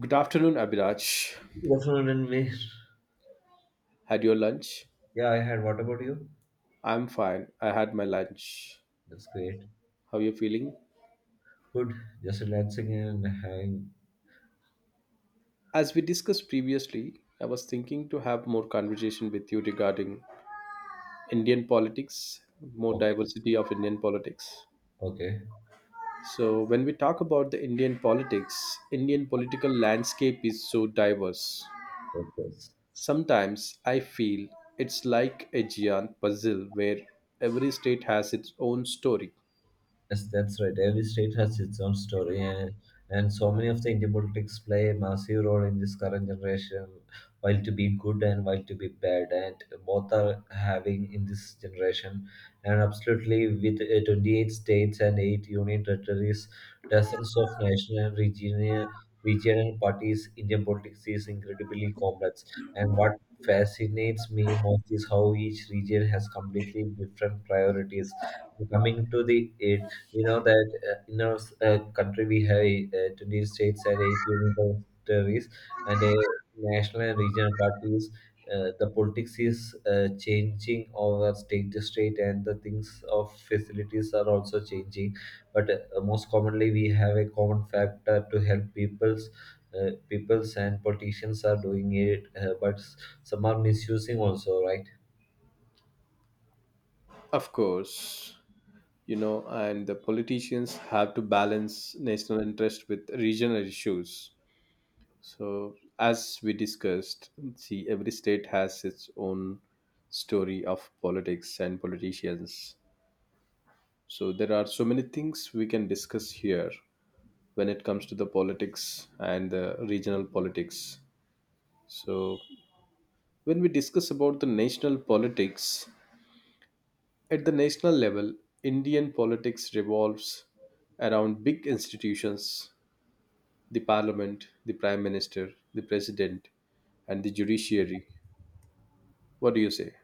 Good afternoon, Abhiraj. Good afternoon, and me. Had your lunch? Yeah, I had. What about you? I'm fine. I had my lunch. That's great. How are you feeling? Good. Just relaxing and hang. As we discussed previously, I was thinking to have more conversation with you regarding Indian politics, more Okay. diversity of Indian politics. Okay. So, when we talk about the Indian politics, Indian political landscape is so diverse. Focus. Sometimes I feel it's like a giant puzzle where every state has its own story. Yes, that's right. Every state has its own story, and so many of the Indian politics play a massive role in this current generation, while to be good and while to be bad, and both are having in this generation. And absolutely, with 28 states and 8 union territories, dozens of national regional parties, Indian politics is incredibly complex. And what fascinates me most is how each region has completely different priorities coming to the you know that in our country we have 20 states and 18 territories and national and regional parties. The politics is changing over state to state, and the things of facilities are also changing. But most commonly we have a common factor to help people's, peoples and politicians are doing it, but some are misusing also, right? Of course, and the politicians have to balance national interest with regional issues. So, as we discussed, see, every state has its own story of politics and politicians. So, there are so many things we can discuss here when it comes to the politics and the regional politics. So, when we discuss about the national politics, at the national level, Indian politics revolves around big institutions, the parliament, the prime minister, the president, and the judiciary. What do you say?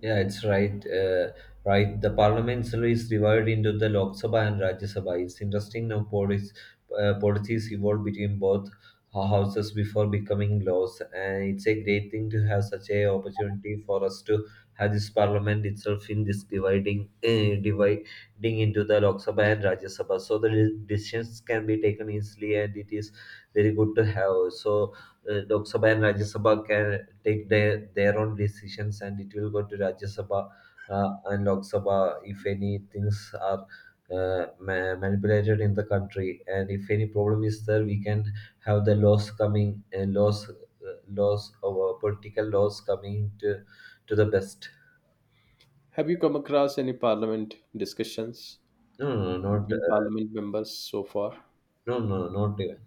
Yeah, it's right. Right. The parliamentary is divided into the Lok Sabha and Rajya Sabha. It's interesting. Now, policies evolved between both houses before becoming laws, and it's a great thing to have such a opportunity for us to have this parliament itself in this dividing, dividing into the Lok Sabha and Rajya Sabha. So the decisions can be taken easily, and it is very good to have. So Lok Sabha and Rajya Sabha can take their own decisions, and it will go to Rajya Sabha and Lok Sabha if any things are manipulated in the country, and if any problem is there, we can have the laws coming and laws our political laws coming to the best. Have you come across any parliament discussions No, no, no, not, between parliament members so far? no, no, not even.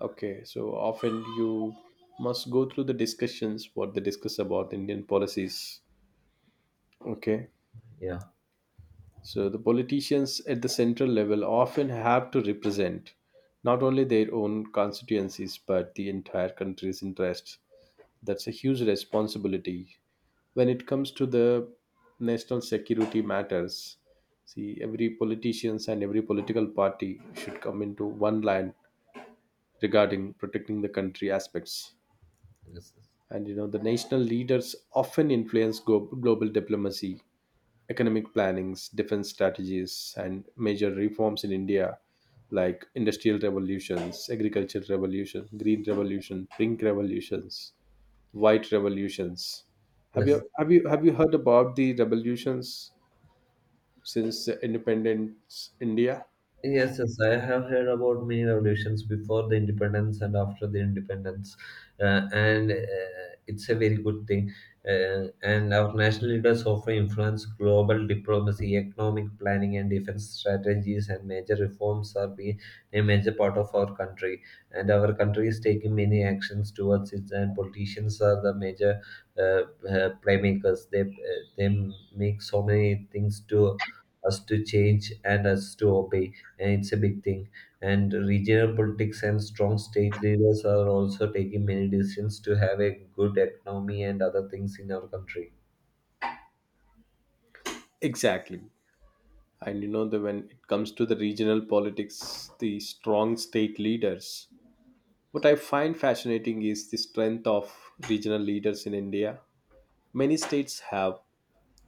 Okay, so often you must go through the discussions, what they discuss about Indian policies. Okay, Yeah. so the politicians at the central level often have to represent not only their own constituencies but the entire country's interests. That's a huge responsibility when it comes to the national security matters. See, every politicians and every political party should come into one line regarding protecting the country aspects. Yes. Yes. And you know the national leaders often influence global diplomacy, economic plannings, defense strategies, and major reforms in India, like industrial revolutions, agricultural revolution, green revolution, pink revolutions, white revolutions. Have Yes. you have you have you heard about the revolutions since the independence India? Yes, yes, I have heard about many revolutions before the independence and after the independence, and it's a very good thing. And our national leaders often influence global diplomacy, economic planning, and defense strategies. And major reforms are being a major part of our country. And our country is taking many actions towards it. And politicians are the major playmakers. They make so many things to us to change and us to obey, and it's a big thing. And regional politics and strong state leaders are also taking many decisions to have a good economy and other things in our country. Exactly. And you know that when it comes to the regional politics, the strong state leaders. What I find fascinating is the strength of regional leaders in India. Many states have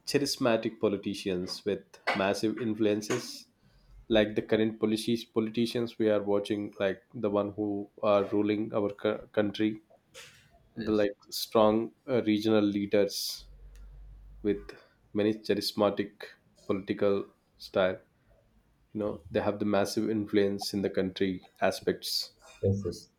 charismatic politicians with massive influences, like the current policies, politicians we are watching, like the one who are ruling our country, the Yes, like strong regional leaders with many charismatic political style. You know, they have the massive influence in the country aspects. yes, yes,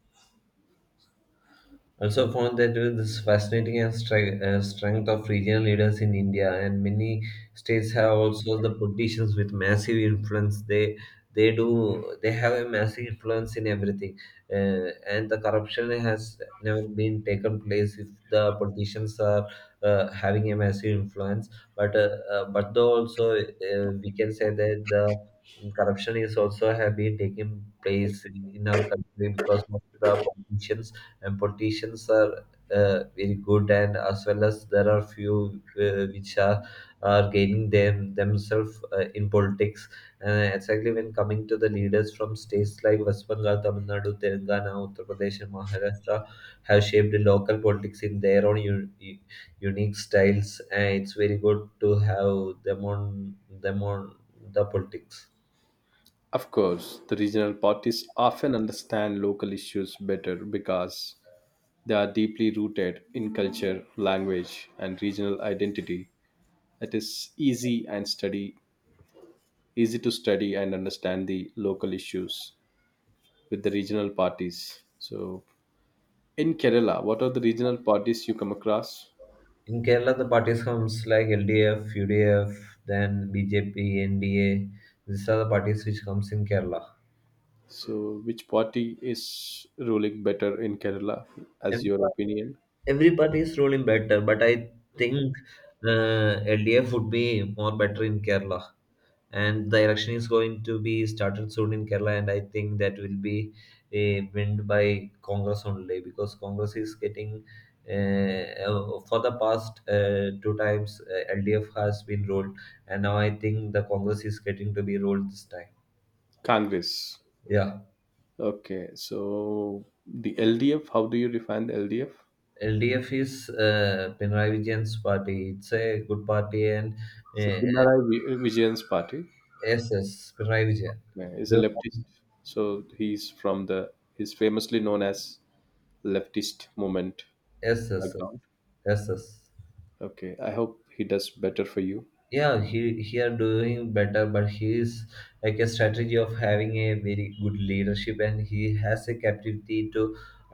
also found that with this fascinating and strength of regional leaders in India, and many states have also the politicians with massive influence. They have a massive influence in everything, and the corruption has never been taken place if the politicians are having a massive influence. But though also we can say that the corruption is also have been taking place in our country because of the politicians, and politicians are very good and as well as there are few which are gaining themselves in politics, exactly when coming to the leaders from states like West Bengal, Tamil Nadu, Telangana, Uttar Pradesh, and Maharashtra have shaped the local politics in their own unique styles, and it's very good to have them on them on the politics. Of course, the regional parties often understand local issues better because they are deeply rooted in culture, language, and regional identity. It is easy to study and understand the local issues with the regional parties. So, in Kerala, what are the regional parties you come across? In Kerala, the parties comes like LDF, UDF, then BJP, NDA. These are the parties which comes in Kerala. So, which party is ruling better in Kerala, as Every your par- opinion? every party is ruling better, but I think LDF would be more better in Kerala. And the election is going to be started soon in Kerala, and I think that will be a win by Congress only, because Congress is getting, for the past two times LDF has been rolled, and now I think the Congress is getting to be rolled this time. Congress. Yeah, Okay, so the LDF, how do you define the LDF? LDF is Pinarayi Vijayan's party. It's a good party, and So, uh, Pinarayi Vijayan's party SS Pinarayi Vijayan. Is a leftist. So, he's he's famously known as leftist movement Yes, yes, background. yes. Yes. Okay, I hope he does better for you. Yeah, he are doing better, but he is like a strategy of having a very good leadership, and he has a capacity to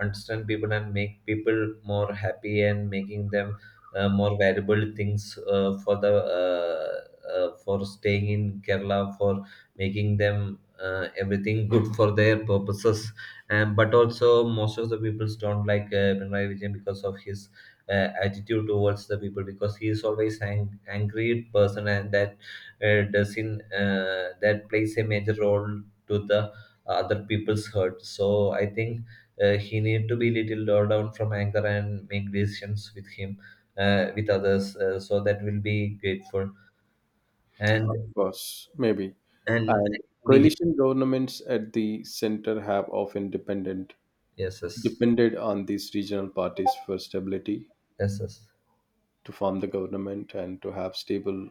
understand people and make people more happy and making them more valuable things for the, uh, for staying in Kerala, for making them everything good for their purposes. And but also most of the people don't like Pinarayi Vijayan because of his attitude towards the people, because he is always an angry person, and that doesn't, that plays a major role to the other people's hurt. So I think he need to be little lower down from anger and make decisions with him, with others, so that will be grateful. Of and course, maybe. and And BJ. coalition governments at the center have often dependent Yes, yes, depended on these regional parties for stability yes, yes. to form the government and to have stable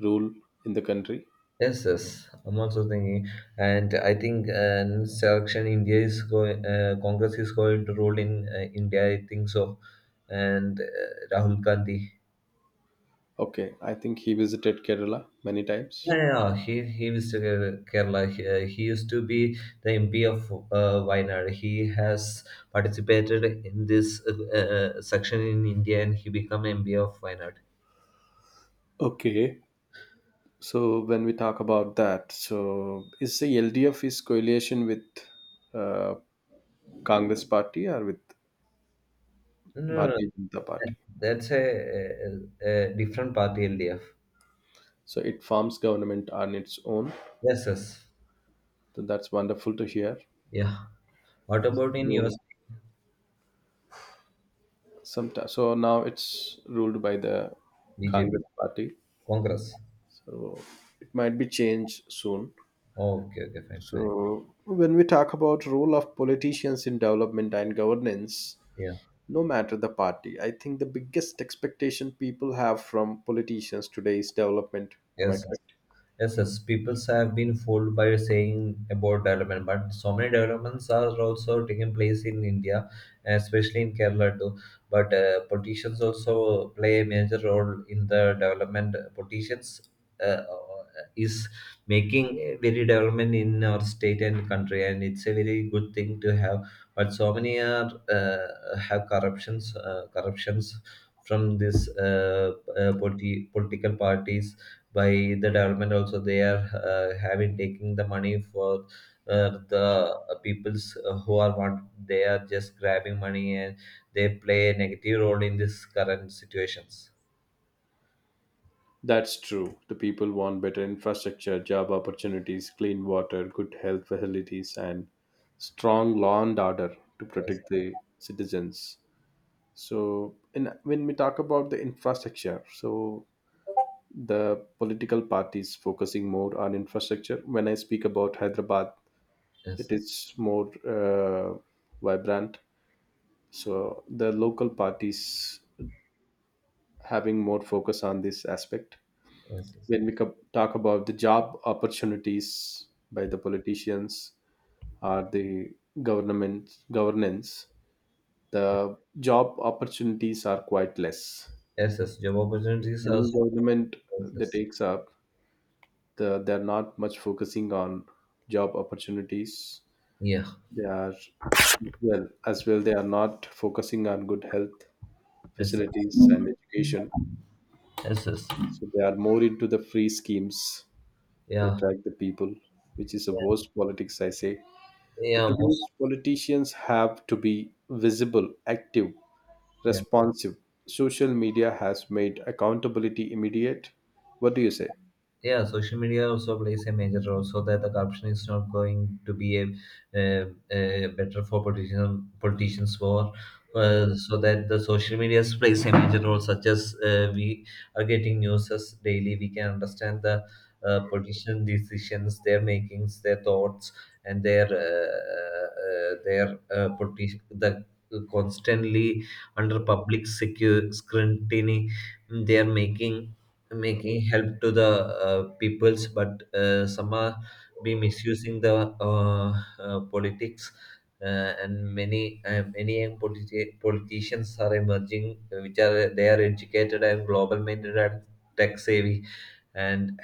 rule in the country. Yes, yes, I'm also thinking, and I think next election India is going, Congress is going to rule in India. I think so, and Rahul Gandhi. Okay, I think he visited Kerala many Yeah, times. yeah, yeah, he visited Kerala. He used to be the MP of Wayanad. He has participated in this section in India, and he became MP of Wayanad. Okay, so when we talk about that, so is the LDF is coalition with uh, Congress party or with No, no, no. Bharatiya Janata Party? that- That's a different party, LDF. So it forms government on its own. Yes, yes, So that's wonderful to hear. yeah. What about in your So, sometimes, so now it's ruled by the BJP, Congress party. Congress. So it might be changed soon. Oh, okay, okay, fine, fine. So when we talk about role of politicians in development and governance, Yeah, no matter the party, I think the biggest expectation people have from politicians today is development. Am I yes, correct? yes, yes, people have been fooled by saying about development, but so many developments are also taking place in India, especially in Kerala too. But politicians also play a major role in the development. Politicians uh, uh, is making very development in our state and country, and it's a very good thing to have. But so many are have corruptions, corruptions from this political parties, by the development also they are having taking the money for the peoples who are want, they are just grabbing money and they play a negative role in this current situations. That's true. The people want better infrastructure, job opportunities, clean water, good health facilities, and strong law and order to Yes, protect the citizens. So, when we talk about the infrastructure, so the political parties focusing more on infrastructure. When I speak about Hyderabad, yes, it yes, is more vibrant. So, the local parties having more focus on this aspect yes, yes. when we talk about the job opportunities by the politicians or the government governance, the job opportunities are quite less. Yes, yes. Job opportunities are so Any government that countless. takes up, the, they're not much focusing on job opportunities. Yeah, They are well as well. They are not focusing on good health yes, yes, facilities and education. yes, yes. So they are more into the free schemes to Yeah, attract the people, which is a yeah, worst politics, I say. The yeah, most. today's politicians have to be visible, active, Yeah, responsive. Social media has made accountability immediate. What do you say? yeah, social media also plays a major role so that the corruption is not going to be a, uh, better for politicians more, so that the social media plays a major role, such as we are getting news as daily we can understand the politician decisions, their makings, their thoughts, and the constantly under public scrutiny. They are making help to the peoples, but some are be misusing the politics, and many young politicians are emerging, which are they are educated and global minded and tech savvy, and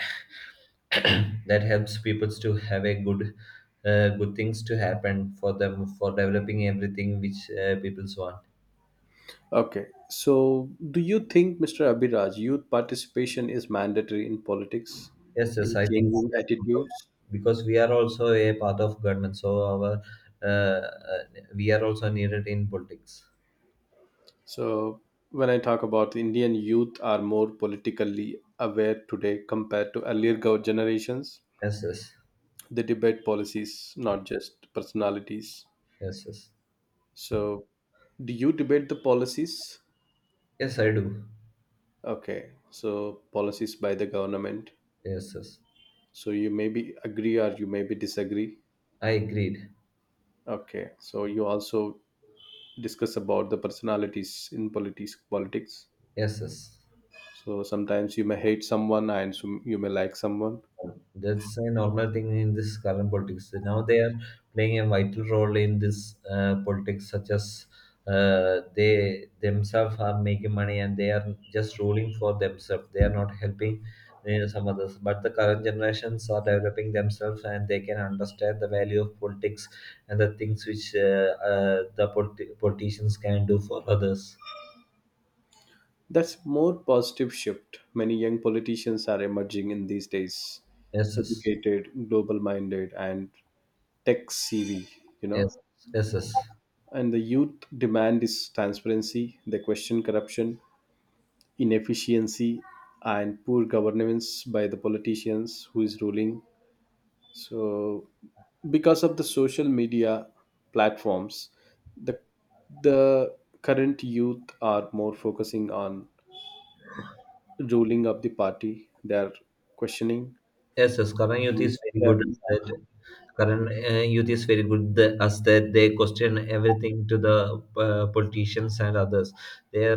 that helps peoples to have a good things to happen for them, for developing everything which peoples want. Okay. So, do you think, Mr. Abhiraj, youth participation is mandatory in politics, Yes, yes, in I think changing that, attitudes? because we are also a part of government, so our uh, uh, we are also needed in politics. So, when I talk about Indian youth are more politically aware today compared to earlier generations, Yes, yes, they debate policies, not just personalities. yes, yes, So, do you debate the policies? yes, I do. Okay, so policies by the government. Yes, yes, So you maybe agree or you maybe disagree. I agreed. Okay, so you also discuss about the personalities in politics. Yes, yes. So sometimes you may hate someone and you may like someone. That's a normal thing in this current politics. Now they are playing a vital role in this, politics, such as they themselves are making money and they are just ruling for themselves. They are not helping some others. But the current generations are developing themselves and they can understand the value of politics and the things which, the politicians can do for others. That's more positive shift. Many young politicians are emerging in these days, Yes, yes, educated, global minded, and tech savvy. You know, yes, yes. Yes. And the youth demand is transparency. They question corruption, inefficiency, and poor governance by the politicians who is ruling. So, because of the social media platforms, the the current youth are more focusing on ruling of the party. They are questioning. Yes, yes, current youth The- is very They good as that. Current youth is very good, as that they question everything to the politicians and others. They uh,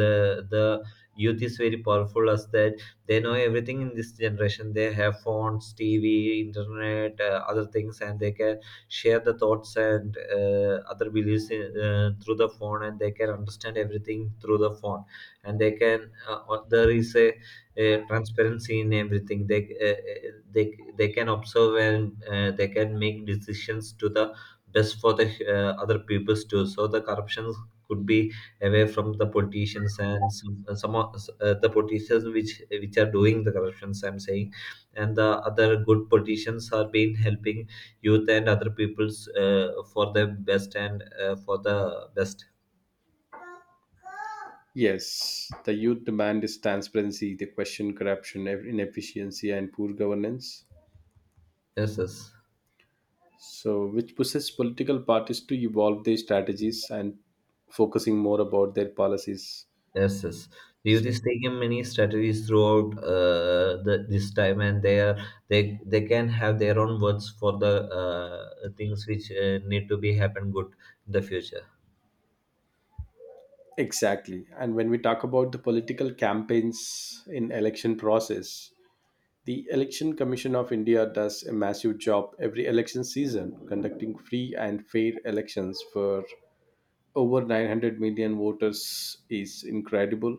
the the youth is very powerful as that they know everything in this generation. They have phones, TV, internet, other things, and they can share the thoughts and other beliefs in, through the phone, and they can understand everything through the phone. And they can there is a transparency in everything they uh, uh, they they can observe, and they can make decisions to the best for the other peoples too, so the corruption could be away from the politicians, and some of the politicians which are doing the corruptions, I'm saying, and the other good politicians are being helping youth and other peoples for the best. Yes, the youth demand is transparency. They question corruption, inefficiency, and poor governance. Yes, yes. So, which pushes political parties to evolve their strategies and focusing more about their policies. Yes, yes. Youth So, is taking many strategies throughout this time, and they are they can have their own words for the things which need to be happen good in the future. exactly. And when we talk about the political campaigns in election process, the Election Commission of India does a massive job every election season, conducting free and fair elections for over 900 million voters is incredible,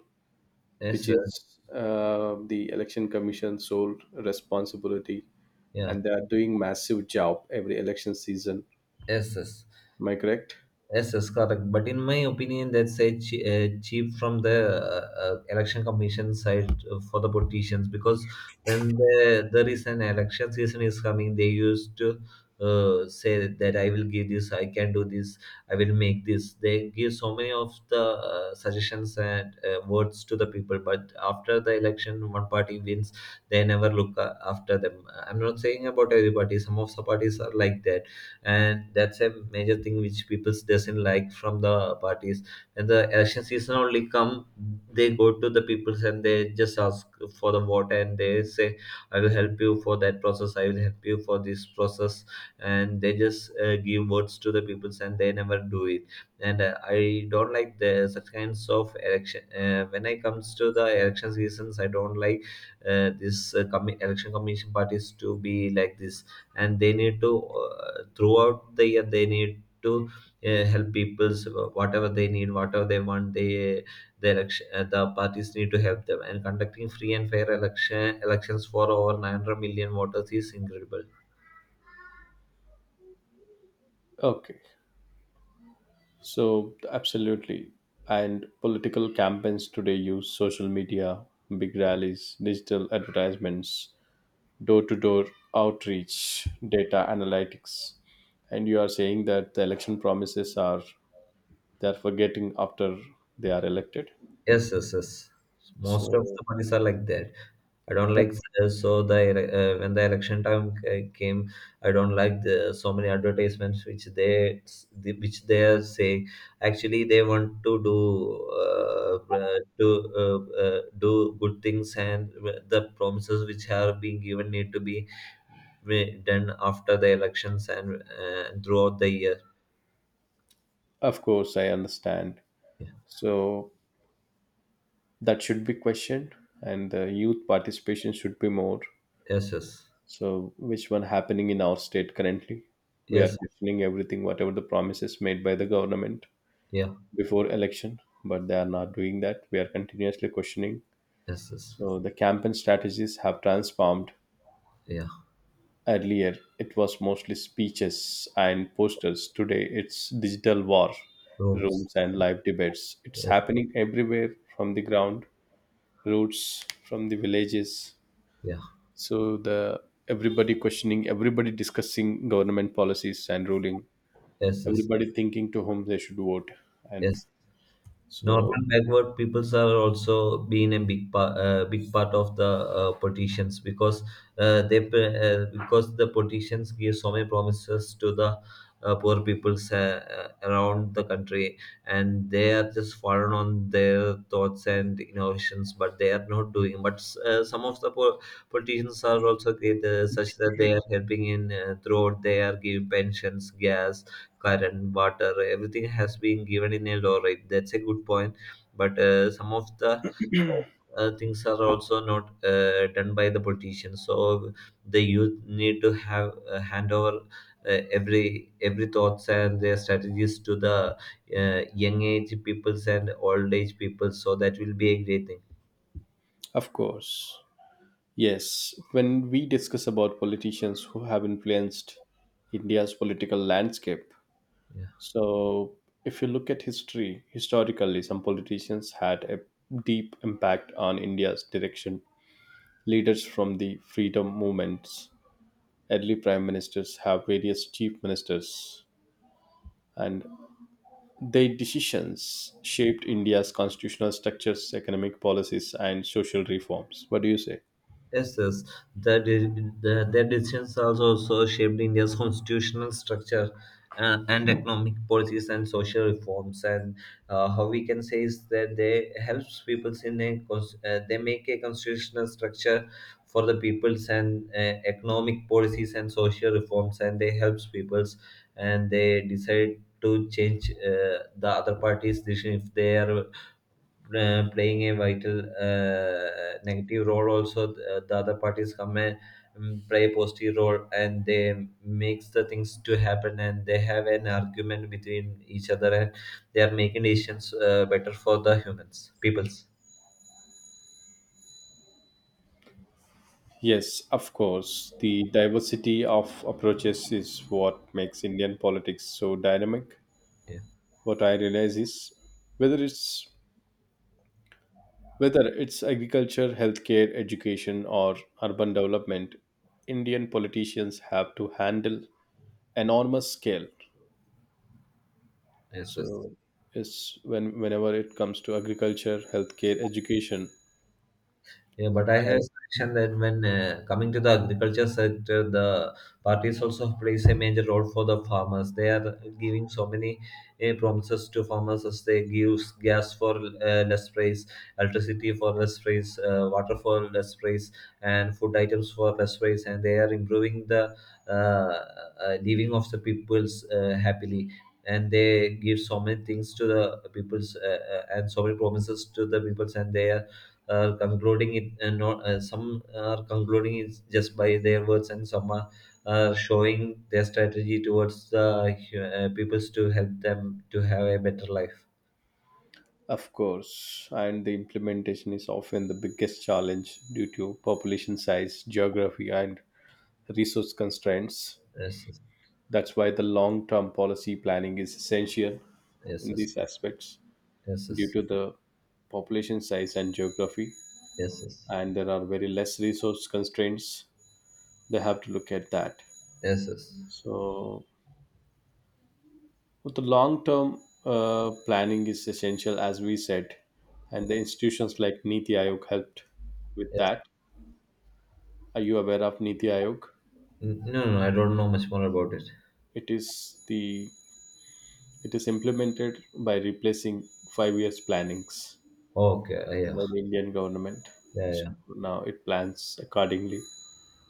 Yes, which yes. is the Election Commission's sole responsibility, Yeah, and they are doing massive job every election season. yes, yes. Am I correct? Yes, yes, correct. But in my opinion, that's a cheap from the election commission side for the politicians. Because there is an election season is coming, they used to say that I will give this, I can do this, I will make this. They give so many of the suggestions and words to the people. But after the election, one party wins, they never look after them. I'm not saying about every party. Some of the parties are like that, and that's a major thing which people doesn't like from the parties. When the election season only come, they go to the people and they just ask for the vote, and they say I will help you for that process, I will help you for this process, and they just give votes to the people and they never do it. And I don't like the such kinds of election. When I comes to the election seasons, I don't like this election commission parties to be like this. And they need to, throughout the year, they need to help people's, whatever they need, whatever they want, they the election the parties need to help them. And conducting free and fair elections for over 900 million voters is incredible. Okay, so absolutely. And political campaigns today use social media, big rallies, digital advertisements, door to door outreach, data analytics. And you are saying that the election promises are they are forgetting after they are elected. Yes, yes, yes, most of So the parties are like that. I don't that, like so when the election time came, I don't like the so many advertisements which which they are saying. Actually, they want to do do uh, do good things, and the promises which are being given need to be done after the elections and throughout the year. of course I understand. Yeah. So that should be questioned and the youth participation should be more. Yes, yes, So, which one happening in our state currently? We are yes, questioning everything, whatever the promises made by the government yeah, before election, but they are not doing that. We are continuously questioning. yes, yes, So, the campaign strategies have transformed. yeah. Earlier, it was mostly speeches and posters. Today, it's digital war Rooms, rooms and live debates. It's yes, happening everywhere from the ground, roots from the villages. yeah, So, the everybody questioning, everybody discussing government policies and ruling, yes, yes, everybody thinking to whom they should vote, and yes. so Normal backward peoples are also being a big part of the politicians. Because because the politicians give so many promises to the poor peoples around the country, and they are just foreign on their thoughts and innovations, but they are not doing. But some of the poor politicians are also great, such that they are helping in, throat, they are giving pensions, gas, current, water, everything has been given in a law. Right. That's a good point. But some of the things are also not done by the politicians. So the youth need to have, hand over every thoughts and their strategies to the young age peoples and old age people. So that will be a great thing. of course, yes. When we discuss about politicians who have influenced India's political landscape, Yeah. so if you look at history historically, some politicians had a deep impact on India's direction, leaders from the freedom movements, early prime ministers, have various chief ministers, and their decisions shaped India's constitutional structures, economic policies, and social reforms. What do you say? Yes, yes. The, de- the, their decisions also shaped India's constitutional structure, and economic policies and social reforms. And how we can say is that they helps people in a they make a constitutional structure for the peoples, and economic policies and social reforms, and they helps peoples. And they decide to change the other parties' decision if they are playing a vital negative role also, the other parties come and play a positive role, and they makes the things to happen, and they have an argument between each other, and they are making decisions better for the humans peoples. Yes, of course. The diversity of approaches is what makes Indian politics so dynamic. Yeah, What I realize is whether it's whether it's agriculture, healthcare, education, or urban development, Indian politicians have to handle enormous scale. yes, yes. So, it's whenever it comes to agriculture, healthcare, education. Yeah, but I have a suggestion that when, coming to the agriculture sector, the parties also plays a major role for the farmers. They are giving so many promises to farmers as they give gas for less price, electricity for less price, water for less price, and food items for less price, and they are improving the living of the peoples happily. And they give so many things to the peoples and so many promises to the peoples, and they are concluding it and not some are concluding it just by their words, and some are showing their strategy towards the peoples to help them to have a better life. Of course, and the implementation is often the biggest challenge due to population size, geography, and resource constraints. Yes, That's why the long term policy planning is essential yes, in yes, these aspects yes, due yes, to the population size and geography. yes, yes, yes, And there are very less resource constraints, they have to look at that. yes, yes, So, but the long term planning is essential, as we said, and the institutions like Niti Aayog helped with yes. that. Are you aware of Niti Aayog? No, no, I don't know much more about it. It is the it is implemented by replacing 5 years plannings Okay, yeah, by the Indian government. yeah, yeah, So now it plans accordingly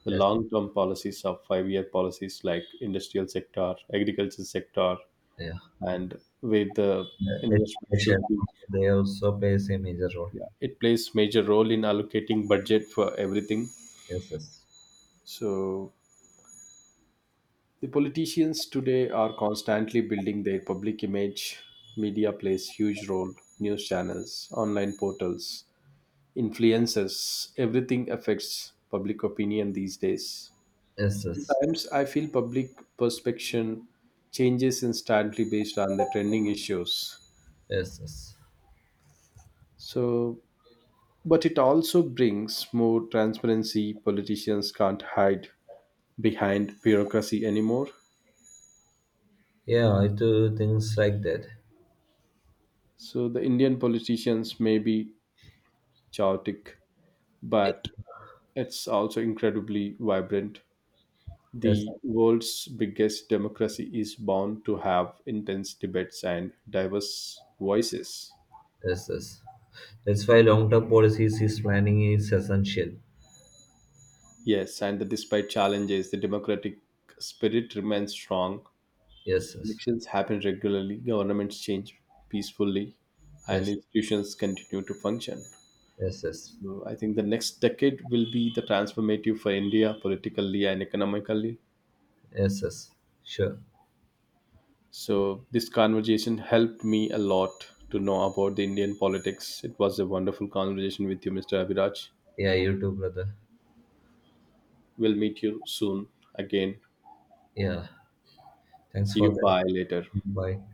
the yes, long term policies of 5 year policies like industrial sector, agriculture sector, yeah. and where the investment should Education, be. they also plays a major role. Yeah, it plays major role in allocating budget for everything. Yes, yes, So the politicians today are constantly building their public image. Media plays huge role. News channels, online portals, influencers, everything affects public opinion these days. yes, yes, yes, Sometimes I feel public perception changes instantly based on the trending issues. yes, yes, So, but it also brings more transparency. Politicians can't hide behind bureaucracy anymore. yeah, I do things like that. So the Indian politicians may be chaotic but it's also incredibly vibrant. Yes. The world's biggest democracy is bound to have intense debates and diverse voices. Yes, yes. That's why long-term policies is planning is essential. Yes, and that despite challenges, the democratic spirit remains strong. Yes, yes, Elections happen regularly, governments change peacefully, and yes, institutions continue to function. yes, yes, So I think the next decade will be the transformative for India politically and economically. yes, yes. Sure. So this conversation helped me a lot to know about the Indian politics. It was a wonderful conversation with you, Mr. Abhiraj. Yeah, you too, brother. We'll meet you soon again. Yeah. Thanks See for you. that. Bye later. Bye.